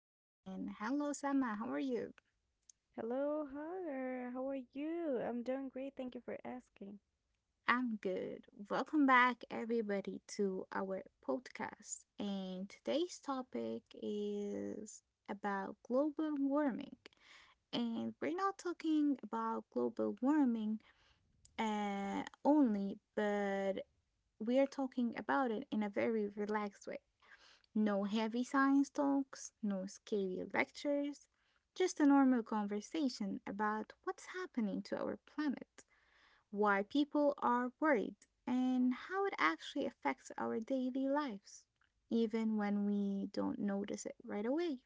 And hello, Sama. How are you? Hello, Hunter. How are you? I'm doing great. Thank you for asking. I'm good. Welcome back, everybody, to our podcast. And today's topic is about global warming. And we're not talking about global warming only, but we are talking about it in a very relaxed way. No heavy science talks, no scary lectures, just a normal conversation about what's happening to our planet, why people are worried, and how it actually affects our daily lives, even when we don't notice it right away.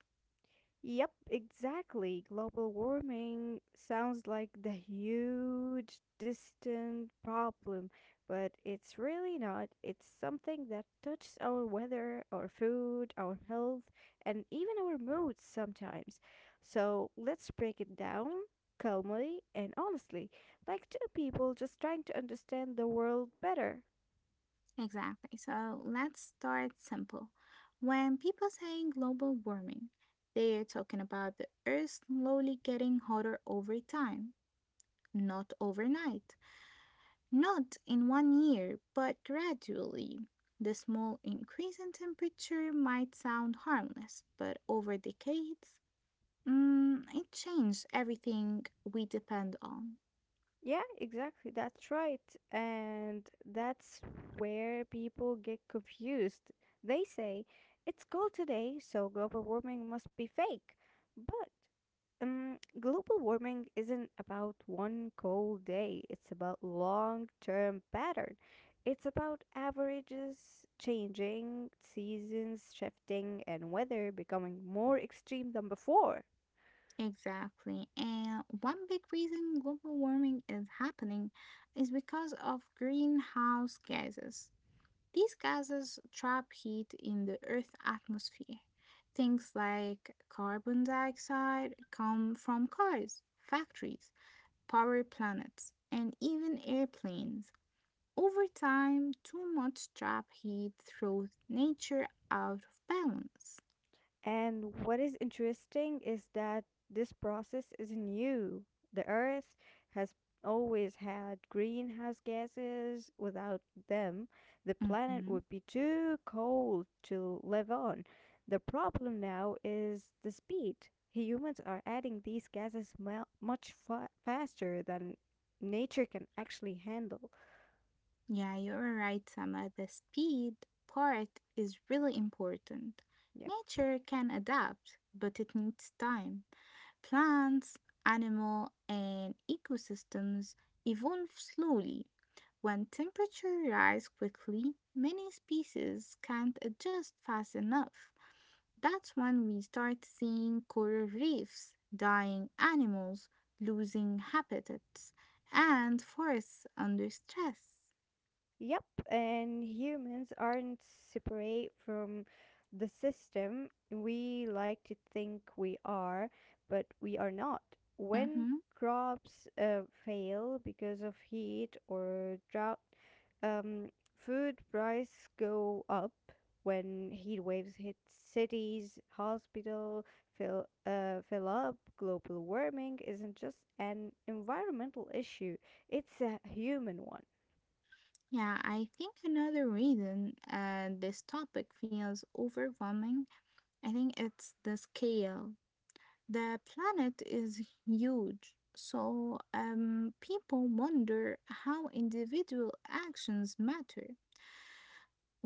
Yep, exactly. Global warming sounds like the huge, distant problem, but it's really not. It's something that touches our weather, our food, our health, and even our moods sometimes. So let's break it down calmly and honestly, like two people just trying to understand the world better. Exactly. So let's start simple. When people say global warming, they're talking about the Earth slowly getting hotter over time, not overnight. Not in one year, but gradually. The small increase in temperature might sound harmless, but over decades, it changed everything we depend on. Yeah, exactly. That's right. And that's where people get confused. They say, it's cold today, so global warming must be fake. But global warming isn't about one cold day, it's about long term pattern. It's about averages changing, seasons shifting, and weather becoming more extreme than before. Exactly. And one big reason global warming is happening is because of greenhouse gases. These gases trap heat in the Earth's atmosphere. Things like carbon dioxide come from cars, factories, power planets, and even airplanes. Over time, too much trap heat throws nature out of balance. And what is interesting is that this process isn't new. The Earth has always had greenhouse gases. Without them, the planet Mhm. would be too cold to live on. The problem now is the speed. Humans are adding these gases much faster than nature can actually handle. Yeah, you're right, Sama. The speed part is really important. Nature can adapt, but it needs time. Plants, animal, and ecosystems evolve slowly. When temperature rise quickly, many species can't adjust fast enough. That's when we start seeing coral reefs, dying animals, losing habitats, and forests under stress. Yep, and humans aren't separate from the system. We like to think we are, but we are not. When Hmm. crops fail because of heat or drought, um, food prices go up. When heat waves hit cities, hospital fill up. Global warming isn't just an environmental issue; it's a human one. Yeah, I think another reason this topic feels overwhelming, I think it's the scale. The planet is huge, so people wonder how individual actions matter.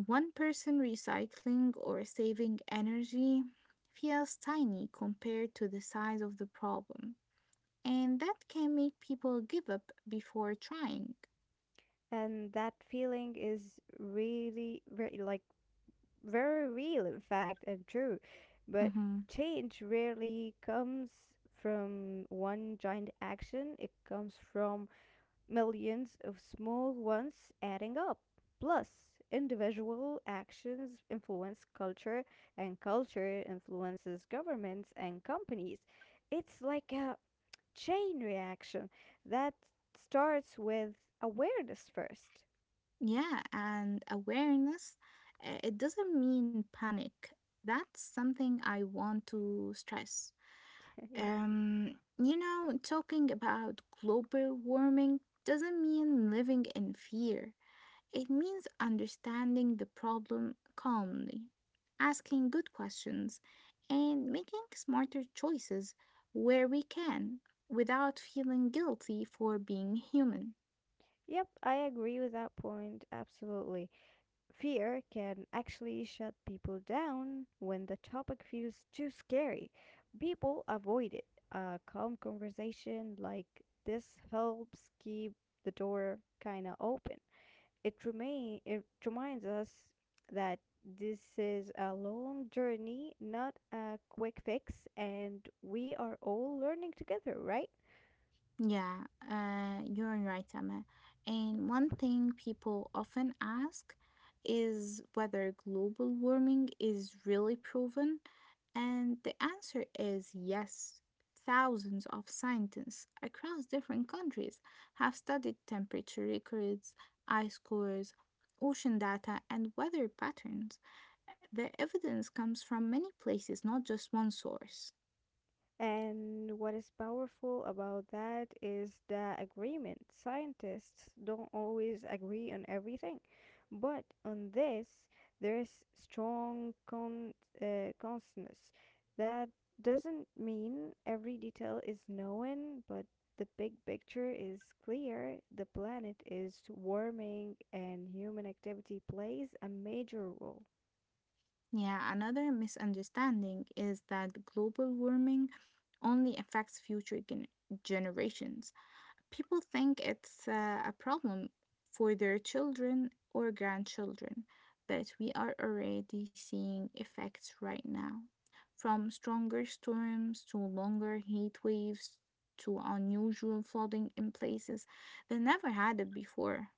One person recycling or saving energy feels tiny compared to the size of the problem, and that can make people give up before trying. And that feeling is really very like very real, in fact, and true. But Mhm. change rarely comes from one giant action. It comes from millions of small ones adding up, plus individual actions influence culture, and culture influences governments and companies. It's like a chain reaction that starts with awareness first. Yeah, and awareness, it doesn't mean panic. That's something I want to stress. Yeah. Um, talking about global warming doesn't mean living in fear. It means understanding the problem calmly, asking good questions, and making smarter choices where we can without feeling guilty for being human. Yep, I agree with that point. Absolutely. Fear can actually shut people down when the topic feels too scary. People avoid it. A calm conversation like this helps keep the door kind of open. It remain it reminds us that this is a long journey, not a quick fix, and we are all learning together, right? Yeah, you're right, Emma. And one thing people often ask is whether global warming is really proven. And the answer is yes. Thousands of scientists across different countries have studied temperature records, ice cores, ocean data, and weather patterns. The evidence comes from many places, not just one source. And what is powerful about that is the agreement. Scientists don't always agree on everything, but on this, there is strong consensus. That doesn't mean every detail is known, but the big picture is clear. The planet is warming, and human activity plays a major role. Yeah, another misunderstanding is that global warming only affects future generations. People think it's a problem for their children or grandchildren, but we are already seeing effects right now. From stronger storms to longer heat waves to unusual flooding in places that never had it before.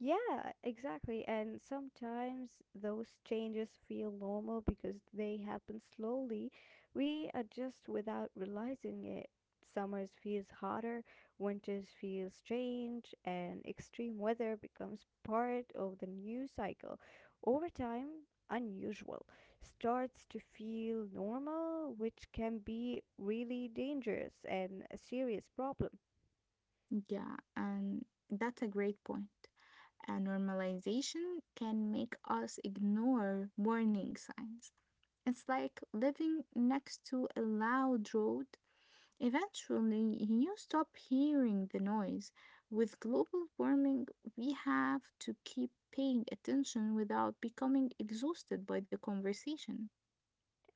Yeah, exactly. And sometimes those changes feel normal because they happen slowly. We adjust without realizing it. Summers feels hotter, winters feel strange, and extreme weather becomes part of the new cycle. Over time, unusual starts to feel normal, which can be really dangerous and a serious problem. Yeah, and that's a great point. And normalization can make us ignore warning signs. It's like living next to a loud road. Eventually, you stop hearing the noise. With global warming, we have to keep paying attention without becoming exhausted by the conversation.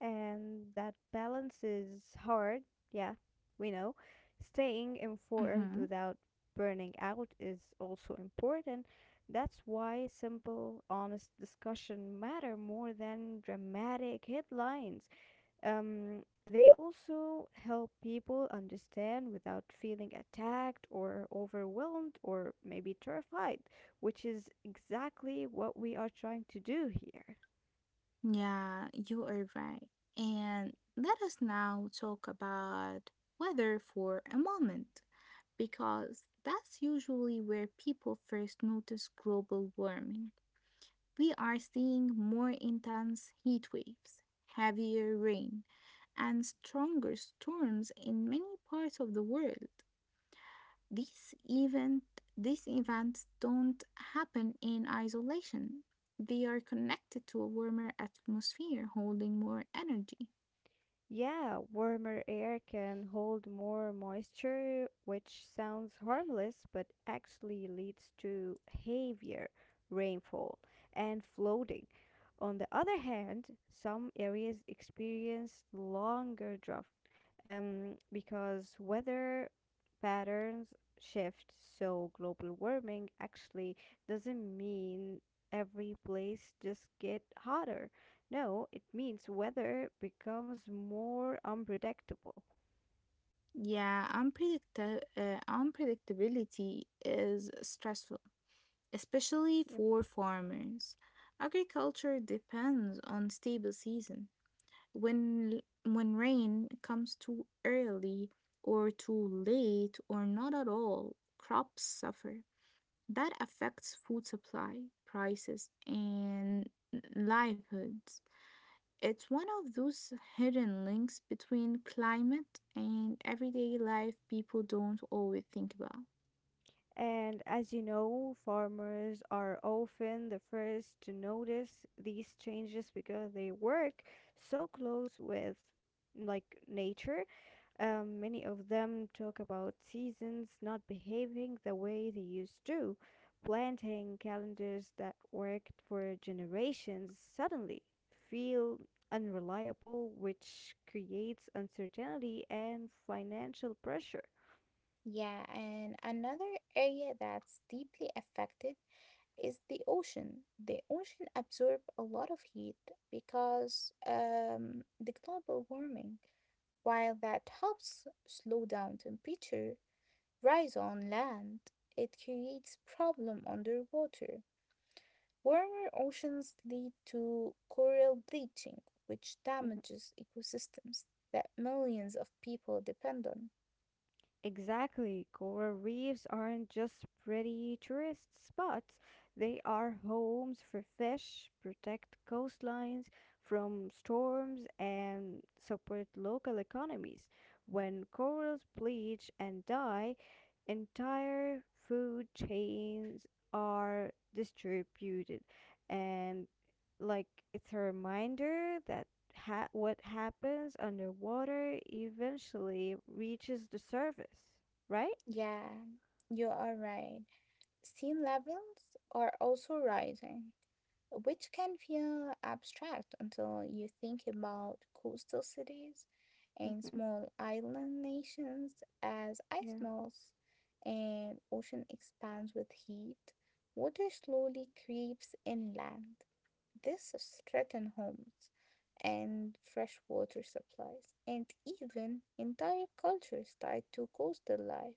And that balance is hard. Yeah, we know. Staying informed Hmm. without burning out is also important. That's why simple, honest discussion matter more than dramatic headlines. They also help people understand without feeling attacked or overwhelmed or maybe terrified, which is exactly what we are trying to do here. Yeah, you are right. And let us now talk about weather for a moment, because that's usually where people first notice global warming. We are seeing more intense heat waves, heavier rain, and stronger storms in many parts of the world. These event these events don't happen in isolation. They are connected to a warmer atmosphere holding more energy. Yeah, warmer air can hold more moisture, which sounds harmless but actually leads to heavier rainfall and flooding. On the other hand, some areas experience longer drought because weather patterns shift, so global warming actually doesn't mean every place just get hotter. No, it means weather becomes more unpredictable. Yeah, unpredictability is stressful, especially Yep. for farmers. Agriculture depends on stable season. When rain comes too early or too late or not at all, crops suffer. That affects food supply, prices, and livelihoods. It's one of those hidden links between climate and everyday life people don't always think about. And as you know, farmers are often the first to notice these changes because they work so close with like nature. Many of them talk about seasons not behaving the way they used to, planting calendars that worked for generations suddenly feel unreliable, which creates uncertainty and financial pressure. Yeah, and another area that's deeply affected is the ocean. The ocean absorb a lot of heat because the global warming, while that helps slow down temperature rise on land, it creates problem underwater. Warmer oceans lead to coral bleaching, which damages ecosystems that millions of people depend on. Exactly. Coral reefs aren't just pretty tourist spots, they are homes for fish, protect coastlines from storms, and support local economies. When corals bleach and die, entire food chains are distributed, and like, it's a reminder that what happens underwater eventually reaches the surface, right? Yeah, you are right. Scene levels are also rising, which can feel abstract until you think about coastal cities and Mm-hmm. small island nations as ice Yeah. melts and ocean expands with heat. Water slowly creeps inland. This threatens homes and freshwater supplies, and even entire cultures tied to coastal life.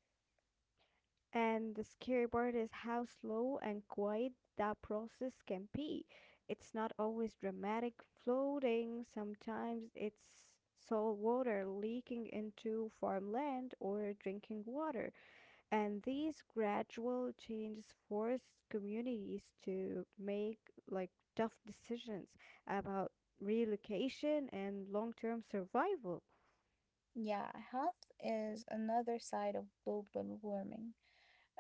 And the scary part is how slow and quiet that process can be. It's not always dramatic floating, sometimes it's salt water leaking into farmland or drinking water, and these gradual changes force communities to make, like, tough decisions about relocation and long-term survival. Yeah, health is another side of global warming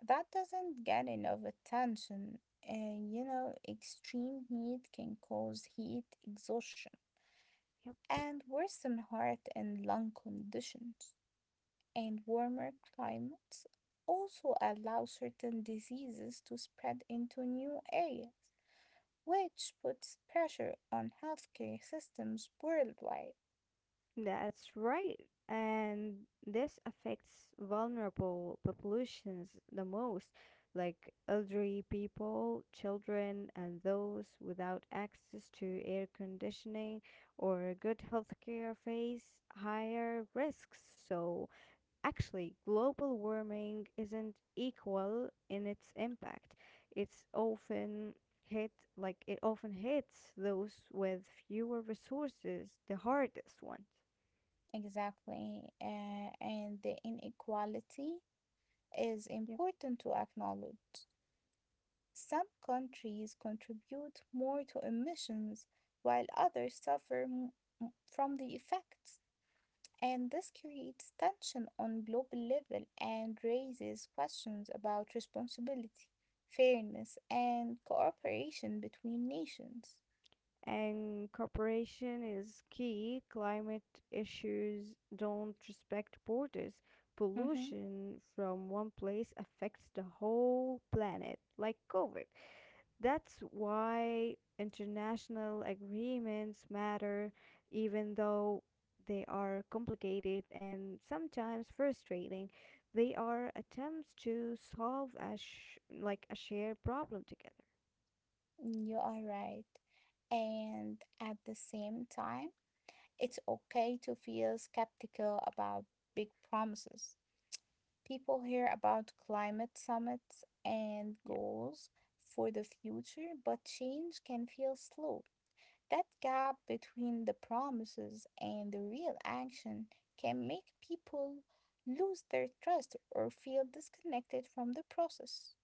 that doesn't get enough attention. And extreme heat can cause heat exhaustion Yep. and worsen heart and lung conditions. And warmer climates also allow certain diseases to spread into new areas, which puts pressure on healthcare systems worldwide. That's right. And this affects vulnerable populations the most, like elderly people, children, and those without access to air conditioning or good health care face higher risks. So actually, global warming isn't equal in its impact. It's often hit like it often hits those with fewer resources, the hardest ones. Exactly. And the inequality is Yep. important to acknowledge. Some countries contribute more to emissions while others suffer from the effects. And this creates tension on global level and raises questions about responsibility, fairness, and cooperation between nations. And cooperation is key. Climate issues don't respect borders. Mhm. Pollution from one place affects the whole planet, like COVID. That's why international agreements matter, even though they are complicated and sometimes frustrating. They are attempts to solve a like a shared problem together. You are right. And at the same time, it's okay to feel skeptical about big promises. People hear about climate summits and Yep, goals for the future, but change can feel slow. That gap between the promises and the real action can make people lose their trust or feel disconnected from the process.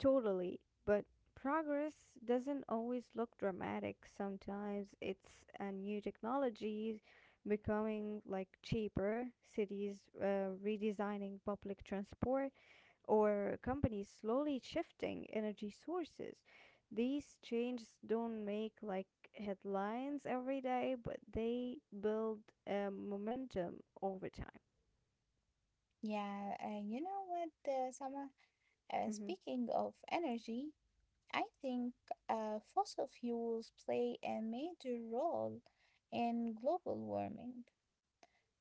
totally. But progress doesn't always look dramatic. Sometimes it's a new technology becoming like cheaper, cities redesigning public transport or companies slowly shifting energy sources. These changes don't make like headlines every day, but they build momentum over time. Yeah, you know what, Sama? Speaking of energy, I think fossil fuels play a major role in global warming.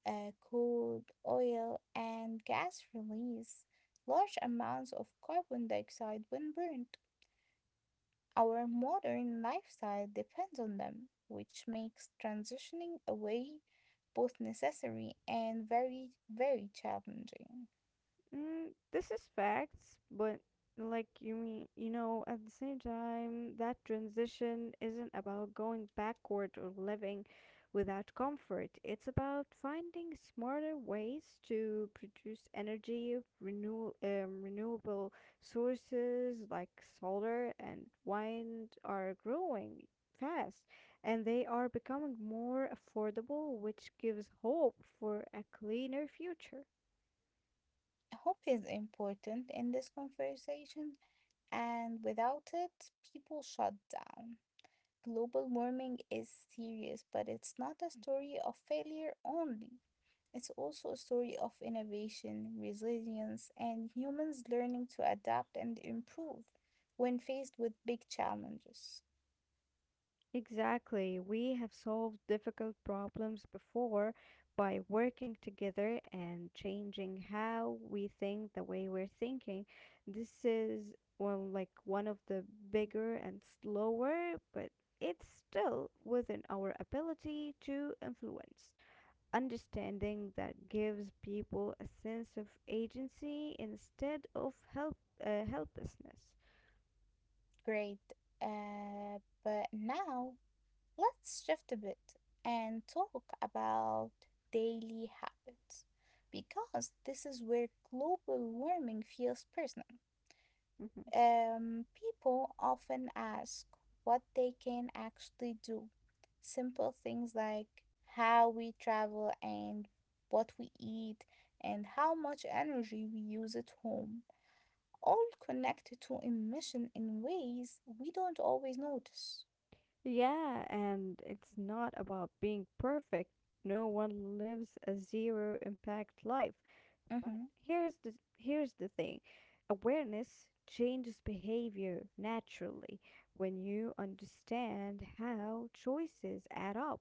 Coal, oil, and gas release large amounts of carbon dioxide when burned. Our modern lifestyle depends on them, which makes transitioning away both necessary and very, very challenging. This is facts, but like you mean, at the same time, that transition isn't about going backward or living without comfort. It's about finding smarter ways to produce energy, renewable sources like solar and wind are growing fast, and they are becoming more affordable, which gives hope for a cleaner future. Hope is important in this conversation, and without it, people shut down. Global warming is serious, but it's not a story of failure only. It's also a story of innovation, resilience, and humans learning to adapt and improve when faced with big challenges. Exactly. We have solved difficult problems before by working together and changing how we think, the way we're thinking. This is, well, like one of the bigger and slower, but it's still within our ability to influence. Understanding that gives people a sense of agency instead of helplessness. Great. But now let's shift a bit and talk about daily habits because this is where global warming feels personal. Mm-hmm. People often ask what they can actually do. Simple things like how we travel and what we eat and how much energy we use at home, all connected to emission in ways we don't always notice. Yeah, and it's not about being perfect. No one lives a zero impact life. But Hmm. here's the thing. Awareness changes behavior naturally. When you understand how choices add up,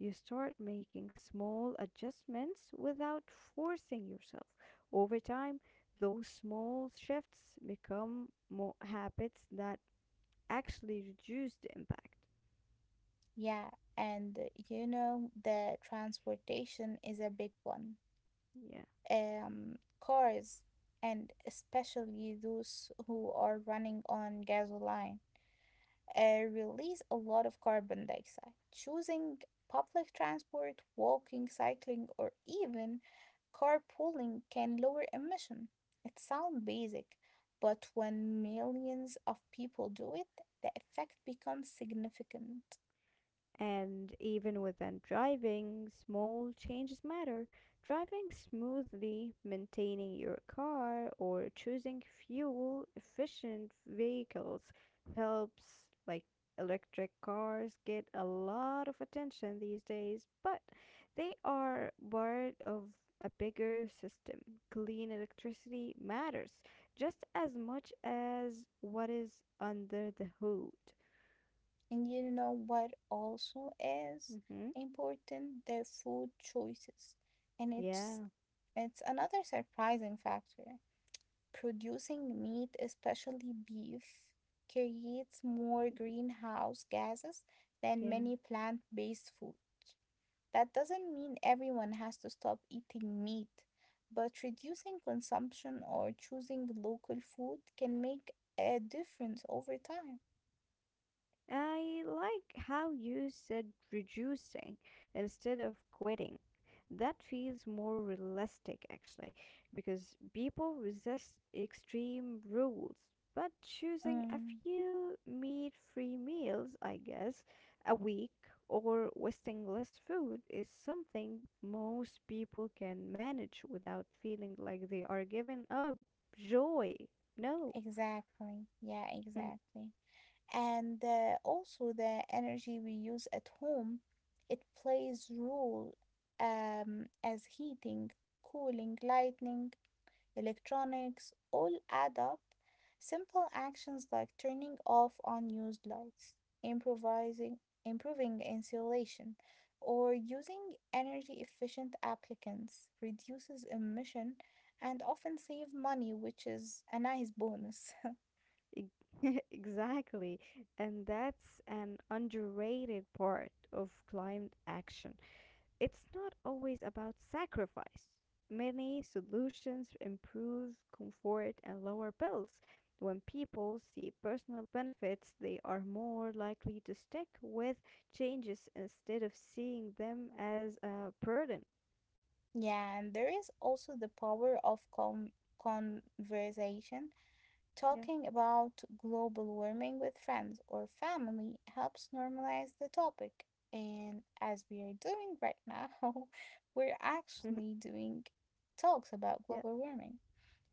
you start making small adjustments without forcing yourself. Over time, those small shifts become more habits that actually reduce the impact. Yeah, and the transportation is a big one. Yeah. Um, cars, and especially those who are running on gasoline, release a lot of carbon dioxide. Choosing public transport, walking, cycling, or even carpooling can lower emission. It sounds basic, but when millions of people do it, the effect becomes significant. And even within driving, small changes matter. Driving smoothly, maintaining your car, or choosing fuel efficient vehicles helps. Like electric cars get a lot of attention these days, but they are part of a bigger system. Clean electricity matters just as much as what is under the hood. And you know what also is Hmm. important? The food choices. And it's Yeah, it's another surprising factor. Producing meat, especially beef, creates more greenhouse gases than yeah. many plant based foods. That doesn't mean everyone has to stop eating meat, but reducing consumption or choosing local food can make a difference over time. I like how you said reducing instead of quitting. That feels more realistic actually, because people resist extreme rules. But choosing a Mm, few meat free meals, I guess, a week or wasting less food is something most people can manage without feeling like they are giving up joy. No. exactly. Yeah, exactly. And also the energy we use at home, it plays role, as heating, cooling, lighting, electronics all add up. Simple actions like turning off unused lights, improvising improving insulation, or using energy efficient applicants reduces emission and often save money, which is a nice bonus. Ex- Exactly. And that's an underrated part of climate action. It's not always about sacrifice. Many solutions improve comfort and lower bills. When people see personal benefits, they are more likely to stick with changes instead of seeing them as a burden. Yeah, and there is also the power of conversation. Yeah. Talking about global warming with friends or family helps normalize the topic. And as we are doing right now, we're actually doing talks about Yeah. global warming.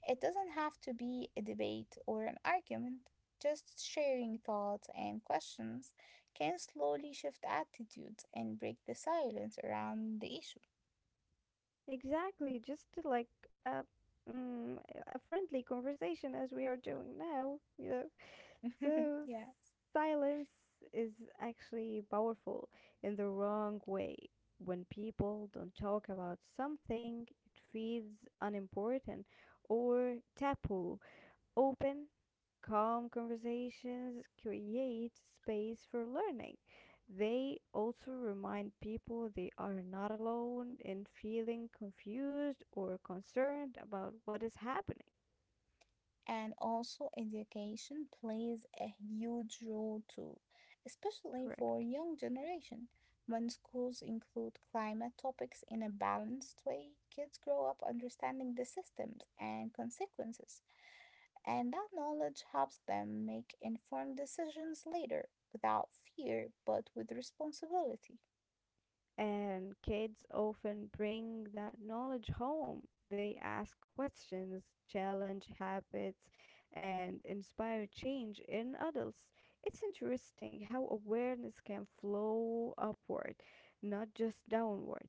It doesn't have to be a debate or an argument. Just sharing thoughts and questions can slowly shift attitudes and break the silence around the issue. Exactly, just to like uh, mm, a friendly conversation as we are doing now, you know. So Yes. silence is actually powerful in the wrong way. When people don't talk about something, it feels unimportant or taboo. Open, calm conversations create space for learning. They also remind people they are not alone in feeling confused or concerned about what is happening. And also, education plays a huge role too, especially Correct. for young generation. When schools include climate topics in a balanced way, kids grow up understanding the systems and consequences, and that knowledge helps them make informed decisions later, without fear but with responsibility. And kids often bring that knowledge home. They ask questions, challenge habits, and inspire change in adults. It's interesting how awareness can flow upward, not just downward.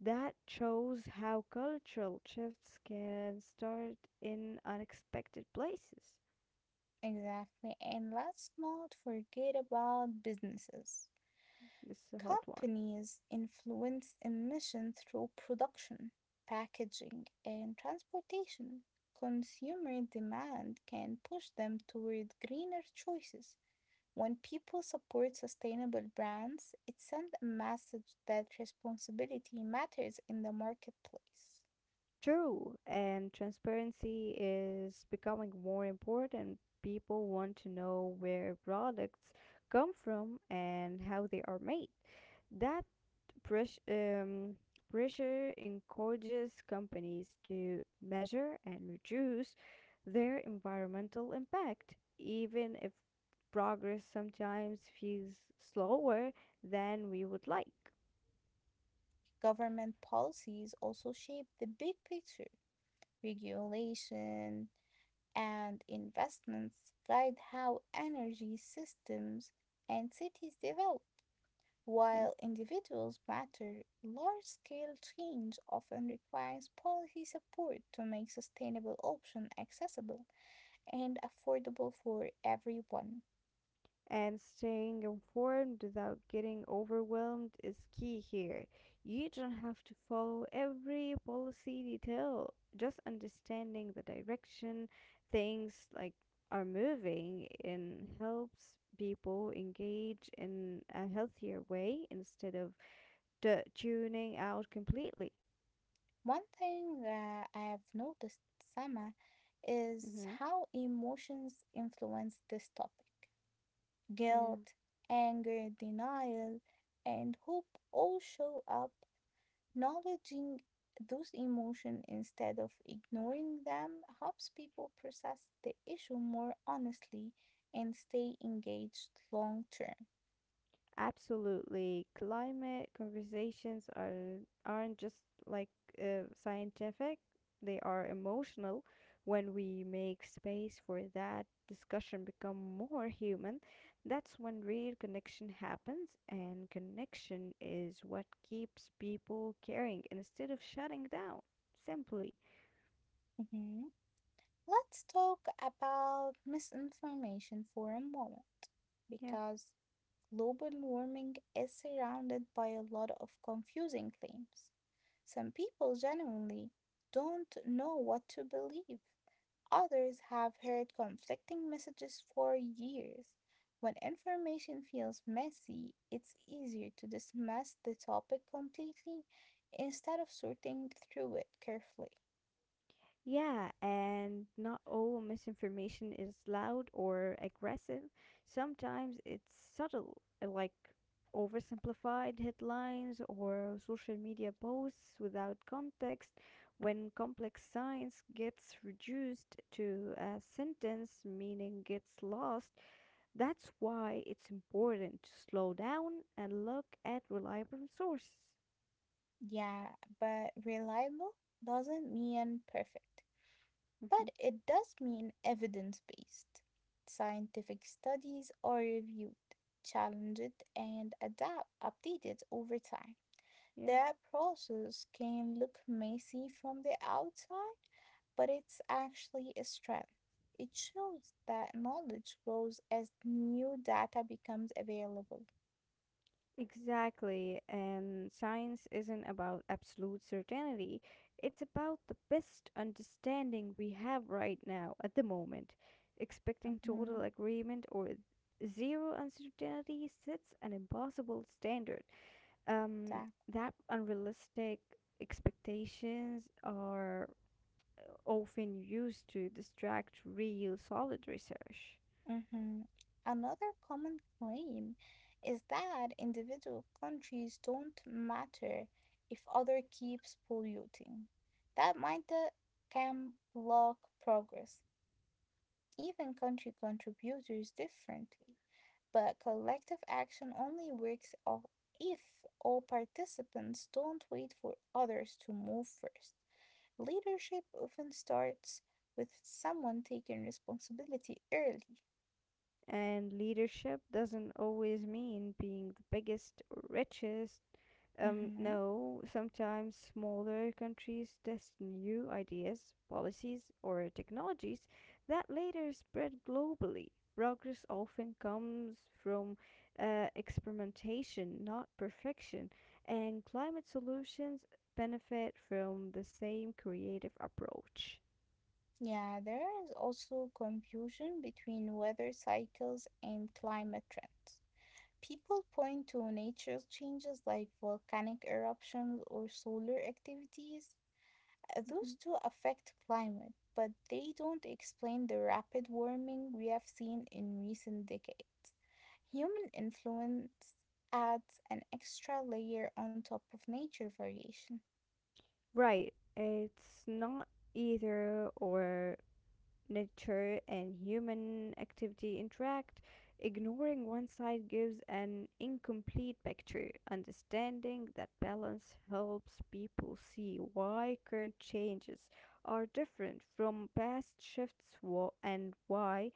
That shows how cultural shifts can start in unexpected places. Exactly, and let's not forget about businesses. This is a hot one. Companies influence emission through production, packaging, and transportation. Consumer demand can push them toward greener choices. When people support sustainable brands, it sends a message that responsibility matters in the marketplace. True, and transparency is becoming more important. People want to know where products come from and how they are made. That press, um, pressure encourages companies to measure and reduce their environmental impact, even if progress sometimes feels slower than we would like. Government policies also shape the big picture. Regulation and investments guide how energy systems and cities develop. While Yeah. individuals matter, large scale change often requires policy support to make sustainable options accessible and affordable for everyone. And staying informed without getting overwhelmed is key here. You don't have to follow every policy detail, just understanding the direction things like are moving in helps people engage in a healthier way instead of tuning out completely. One thing that I have noticed, Sama, is Mm-hmm. how emotions influence this topic. Yeah. Guilt, anger, denial, and hope all show up. Acknowledging those emotions instead of ignoring them helps people process the issue more honestly and stay engaged long term. Absolutely. Climate conversations aren't just like scientific, they are emotional. When we make space for that, discussion become more human, that's when real connection happens, and connection is what keeps people caring instead of shutting down. Simply. Mhm. Let's talk about misinformation for a moment Yeah. because global warming is surrounded by a lot of confusing claims. Some people genuinely don't know what to believe. Others have heard conflicting messages for years. When information feels messy, it's easier to dismiss the topic completely instead of sorting through it carefully. Yeah, and not all misinformation is loud or aggressive. Sometimes it's subtle, like oversimplified headlines or social media posts without context. When complex science gets reduced to a sentence, meaning gets lost, that's why it's important to slow down and look at reliable sources. Yeah, but reliable doesn't mean perfect, Mhm. but it does mean evidence based. Scientific studies are reviewed, challenged, and adapt, updated over time. Yeah. That process can look messy from the outside, but it's actually a strength. It shows that knowledge grows as new data becomes available. Exactly, and science isn't about absolute certainty. It's about the best understanding we have right now at the moment. Expecting total Mm-hmm, agreement or zero uncertainty sets an impossible standard. Um, exactly. that unrealistic expectations are often used to distract real solid research. Mm-hmm. Another common claim is that individual countries don't matter if other keeps polluting. That mindset can block progress. Even country contributors differently. But collective action only works if all participants don't wait for others to move first. Leadership often starts with someone taking responsibility early. And leadership doesn't always mean being the biggest or richest. Mhm. No, sometimes smaller countries test new ideas, policies, or technologies that later spread globally. Progress often comes from experimentation, not perfection, and climate solutions benefit from the same creative approach. Yeah, there is also confusion between weather cycles and climate trends. People point to natural changes like volcanic eruptions or solar activities. Mhm. Those two affect climate, but they don't explain the rapid warming we have seen in recent decades. Human influence adds an extra layer on top of nature variation. Right, it's not either or, nature and human activity interact. Ignoring one side gives an incomplete picture. Understanding that balance helps people see why current changes are different from past shifts and why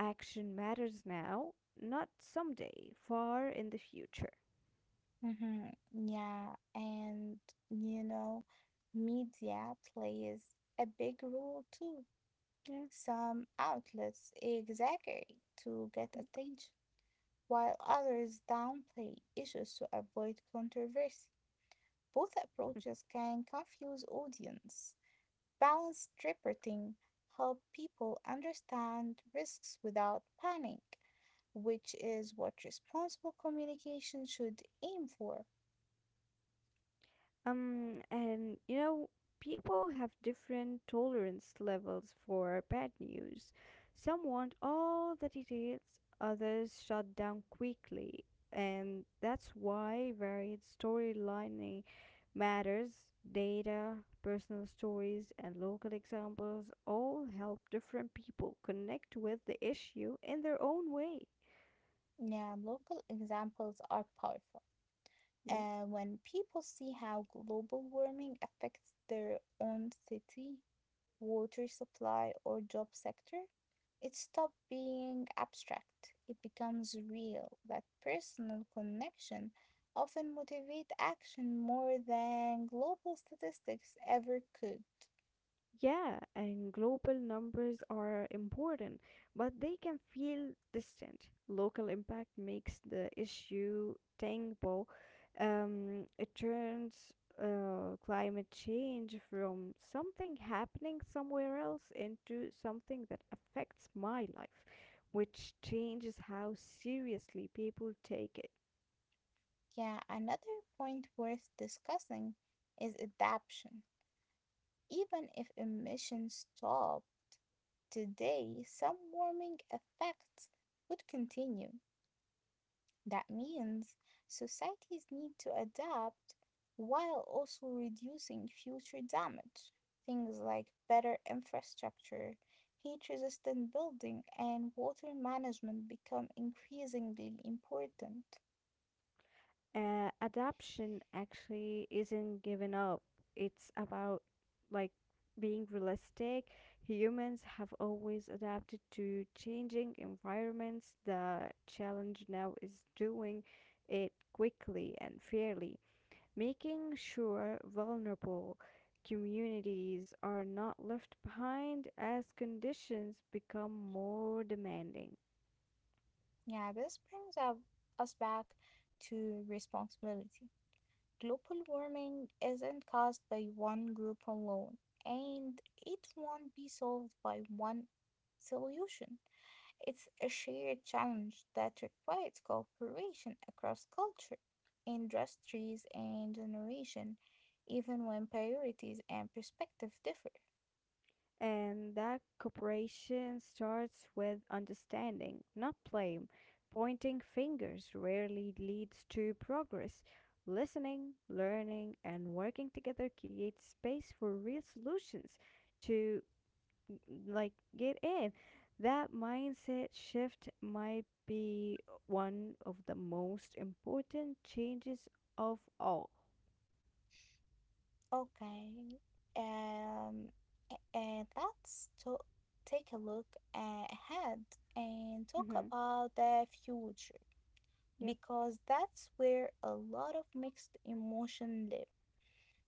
action matters now, not someday, far in the future. Mhm. Yeah, and you know, media plays a big role too. Yeah. Some outlets exaggerate to get attention, while others downplay issues to avoid controversy. Both approaches can confuse audience. Balanced reporting help people understand risks without panic, which is what responsible communication should aim for. Um, and you know, People have different tolerance levels for bad news. Some want all the details, others shut down quickly, and that's why varied storylining matters. Data, personal stories, and local examples all help different people connect with the issue in their own way. Now, local examples are powerful. Yeah. When people see how global warming affects their own city, water supply, or job sector, it stops being abstract. It becomes real. That personal connection often motivates action more than global statistics ever could. Yeah, and global numbers are important, but they can feel distant. Local impact makes the issue tangible. It turns climate change from something happening somewhere else into something that affects my life, which changes how seriously people take it. Yeah, another point worth discussing is adaptation. Even if emissions stop today, some warming effects would continue. That means societies need to adapt while also reducing future damage. Things like better infrastructure, heat resistant building, and water management become increasingly important. Adaption actually isn't given up. It's about like being realistic. Humans have always adapted to changing environments. The challenge now is doing it quickly and fairly, making sure vulnerable communities are not left behind as conditions become more demanding. Yeah, this brings us back to responsibility. Global warming isn't caused by one group alone, and it won't be solved by one solution. It's a shared challenge that requires cooperation across culture, industries, and generation, even when priorities and perspective differ. And that cooperation starts with understanding, not blame. Pointing fingers rarely leads to progress. Listening, learning, and working together creates space for real solutions to mm, like get in. That mindset shift might be one of the most important changes of all. Okay, um, and let's to take a look ahead and talk Hmm. about the future, because that's where a lot of mixed emotion live.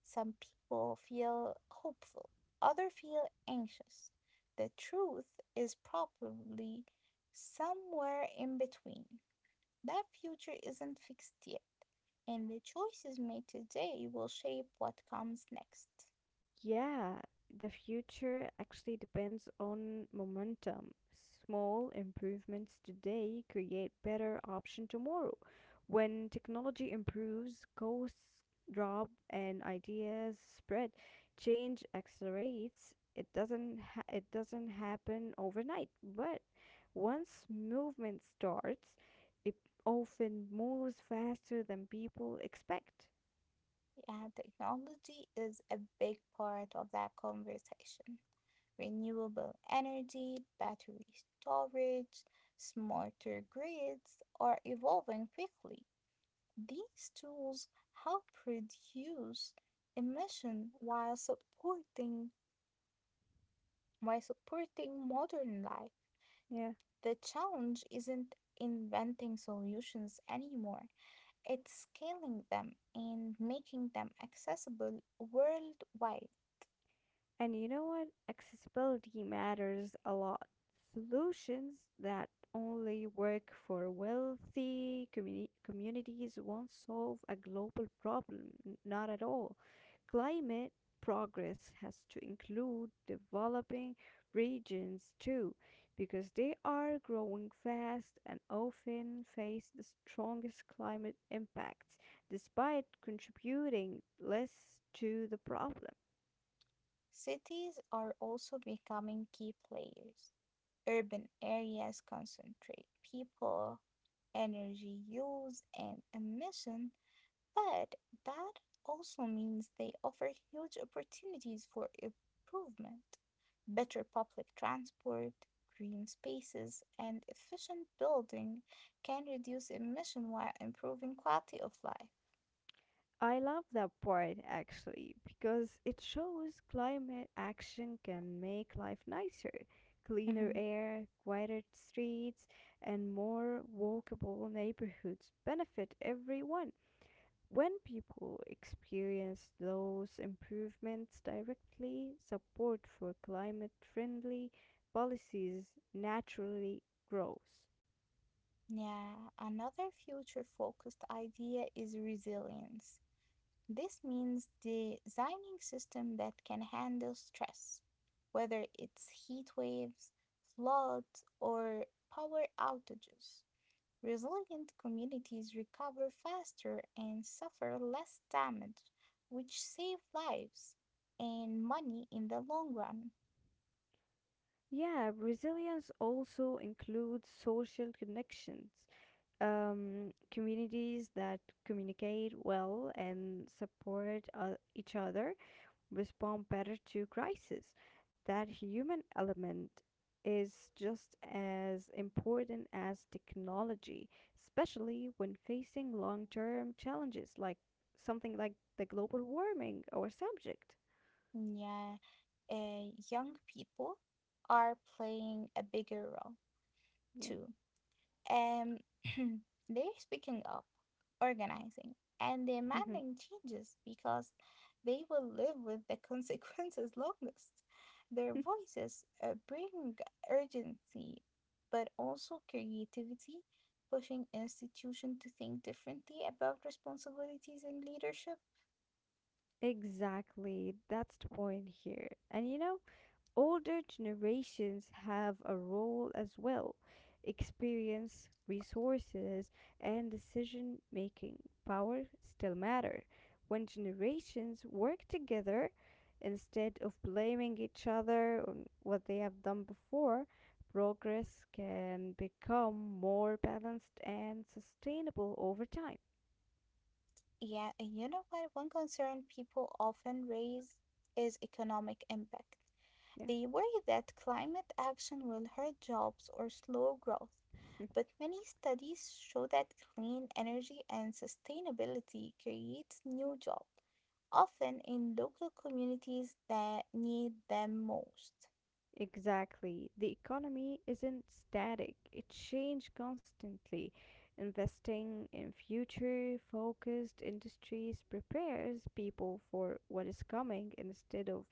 Some people feel hopeful, others feel anxious. The truth is probably somewhere in between. That future isn't fixed yet, and the choices made today will shape what comes next. Yeah, the future actually depends on momentum. Small improvements today create better option tomorrow. When technology improves, costs drop and ideas spread. Change accelerates. It doesn't happen overnight, but once movement starts, it often moves faster than people expect. Yeah, technology is a big part of that conversation. Renewable energy, battery storage, smarter grids are evolving quickly. These tools help reduce emission while supporting modern life. Yeah. The challenge isn't inventing solutions anymore. It's scaling them and making them accessible worldwide. And you know what? Accessibility matters a lot. Solutions that only work for wealthy communities won't solve a global problem, not at all. Climate progress has to include developing regions too, because they are growing fast and often face the strongest climate impacts, despite contributing less to the problem. Cities are also becoming key players. Urban areas concentrate people, energy use, and emission. But that also means they offer huge opportunities for improvement, better public transport, green spaces, and efficient building can reduce emission while improving quality of life. I love that part actually because it shows climate action can make life nicer. Cleaner Mhm. air, quieter streets, and more walkable neighborhoods benefit everyone. When people experience those improvements directly, support for climate friendly policies naturally grows. Yeah, another future focused idea is resilience. This means designing system that can handle stress, whether it's heat waves, floods, or power outages. Resilient communities recover faster and suffer less damage, which save lives and money in the long run. Yeah, resilience also includes social connections. Communities that communicate well and support each other respond better to crisis. That human element is just as important as technology, especially when facing long term challenges like something like the global warming or subject. Yeah, young people are playing a bigger role Yeah. too. Um, they're speaking up, organizing, and demanding changes because they will live with the consequences longest. Their voices bring urgency, but also creativity, pushing institutions to think differently about responsibilities and leadership. Exactly. That's the point here. And you know, older generations have a role as well. Experience, resources, and decision making power still matter. When generations work together, instead of blaming each other on what they have done before, progress can become more balanced and sustainable over time. Yeah, and you know what? One concern people often raise is economic impact. Yeah. They worry that climate action will hurt jobs or slow growth, but many studies show that clean energy and sustainability creates new jobs, often in local communities that need them most. Exactly. The economy isn't static, it changes constantly. Investing in future focused industries prepares people for what is coming instead of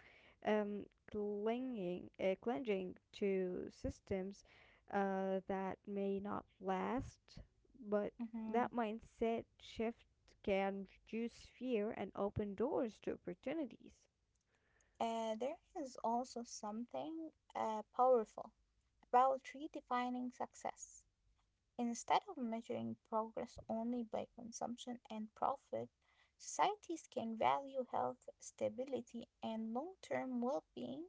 um, clinging to systems that may not last. But Mhm. that mindset shift can reduce fear and open doors to opportunities. There is also something powerful about redefining success. Instead of measuring progress only by consumption and profit, societies can value health, stability, and long term well being.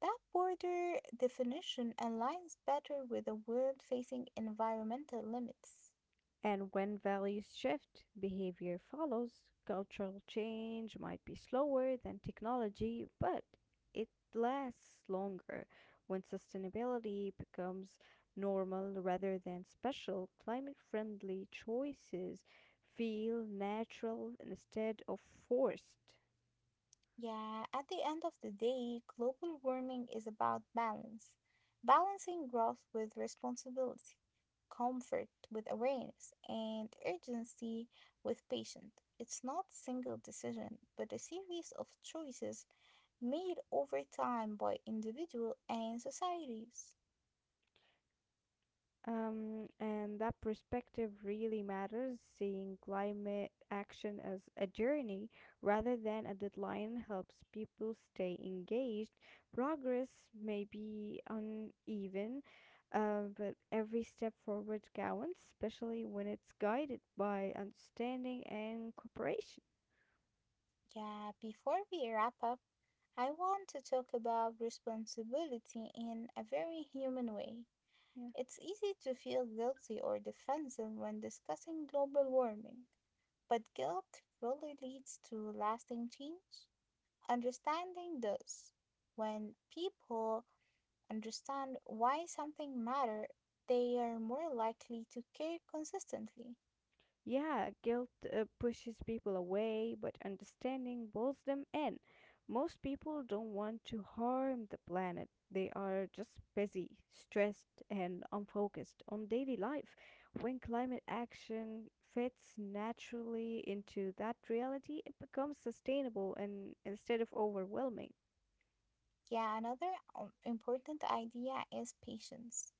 That broader definition aligns better with a world facing environmental limits. And when values shift, behavior follows. Cultural change might be slower than technology, but it lasts longer. When sustainability becomes normal rather than special, climate friendly choices feel natural instead of forced. Yeah, at the end of the day, global warming is about balance, balancing growth with responsibility, comfort with awareness, and urgency with patience. It's not a single decision, but a series of choices made over time by individual and societies. And that perspective really matters. Seeing climate action as a journey rather than a deadline helps people stay engaged. Progress may be uneven, but every step forward counts, especially when it's guided by understanding and cooperation. Yeah, before we wrap up, I want to talk about responsibility in a very human way. Yeah. It's easy to feel guilty or defensive when discussing global warming, but guilt really leads to lasting change. Understanding this. When people understand why something matters, they are more likely to care consistently. Yeah, guilt pushes people away, but understanding pulls them in. Most people don't want to harm the planet. They are just busy, stressed, and unfocused on daily life. When climate action fits naturally into that reality, it becomes sustainable and instead of overwhelming. Yeah, another important idea is patience.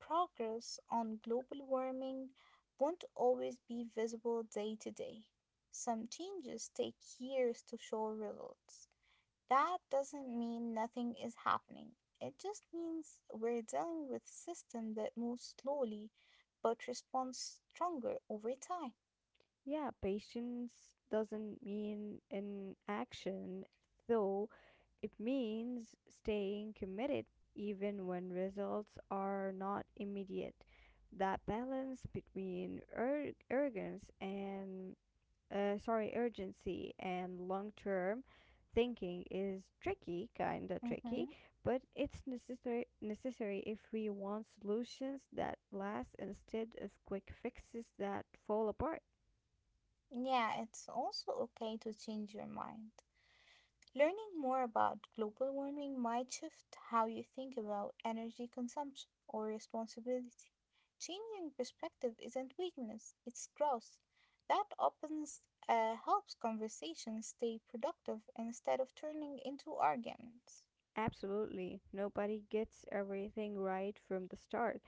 Progress on global warming won't always be visible day to day. Some changes take years to show results. That doesn't mean nothing is happening. It just means we're dealing with system that moves slowly but responds stronger over time. Yeah, patience doesn't mean inaction, though. It means staying committed even when results are not immediate. That balance between urgency and long-term thinking is tricky, kind of tricky, Hmm. but it's necessary if we want solutions that last instead of quick fixes that fall apart. Yeah, it's also okay to change your mind. Learning more about global warming might shift how you think about energy consumption or responsibility. Changing perspective isn't weakness, it's growth. That opens Helps conversations stay productive instead of turning into arguments. Absolutely. Nobody gets everything right from the start.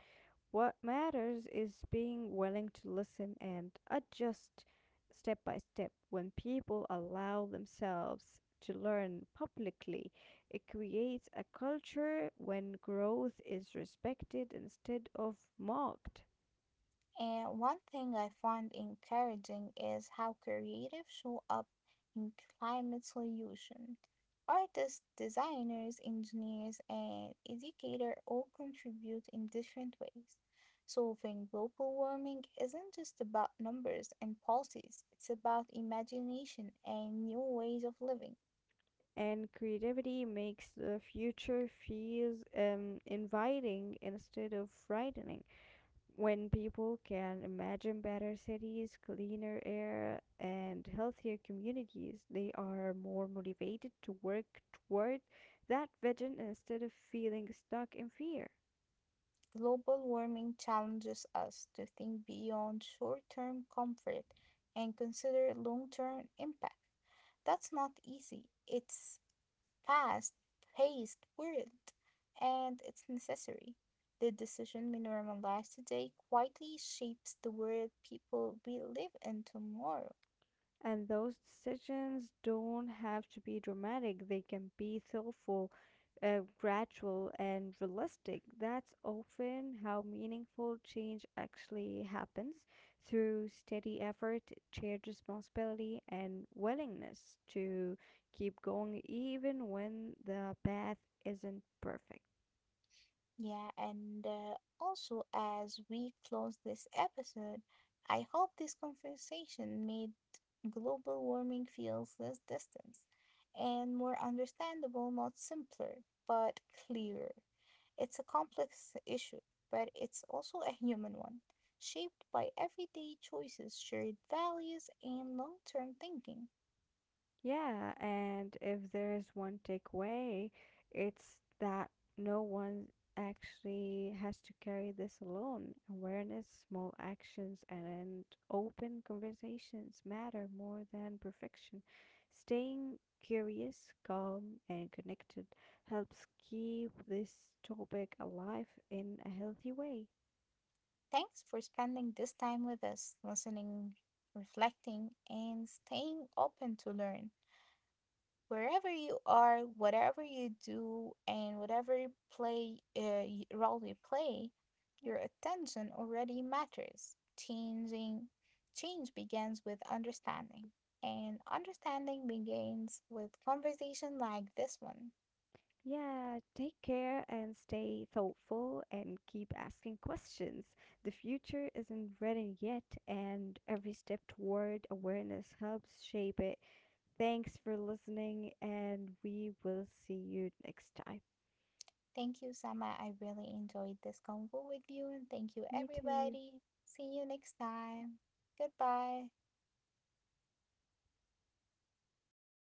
What matters is being willing to listen and adjust step by step. When people allow themselves to learn publicly, it creates a culture when growth is respected instead of mocked. And one thing I find encouraging is how creative show up in climate solution. Artists, designers, engineers, and educators all contribute in different ways. Solving global warming isn't just about numbers and policies, it's about imagination and new ways of living. And creativity makes the future feels inviting instead of frightening. When people can imagine better cities, cleaner air, and healthier communities, they are more motivated to work toward that vision instead of feeling stuck in fear. Global warming challenges us to think beyond short term comfort and consider long term impact. That's not easy. It's fast paced world and it's necessary. The decision we normalize today quietly shapes the world people will live in tomorrow. And those decisions don't have to be dramatic, they can be thoughtful, gradual, and realistic. That's often how meaningful change actually happens through steady effort, shared responsibility, and willingness to keep going even when the path isn't perfect. Yeah, and also as we close this episode, I hope this conversation made global warming feels less distant and more understandable, not simpler, but clearer. It's a complex issue, but it's also a human one, shaped by everyday choices, shared values, and long term thinking. Yeah, and if there is one takeaway, it's that no one actually has to carry this alone. Awareness, small actions, and open conversations matter more than perfection. Staying curious, calm, and connected helps keep this topic alive in a healthy way. Thanks for spending this time with us, listening, reflecting, and staying open to learn. Wherever you are, whatever you do, and whatever role you play, your attention already matters. Changing Change begins with understanding, and understanding begins with conversation like this one. Yeah, take care and stay thoughtful and keep asking questions. The future isn't written yet, and every step toward awareness helps shape it. Thanks for listening, and we will see you next time. Thank you, Sama. I really enjoyed this convo with you, and thank you, Me too. everybody. See you next time. Goodbye.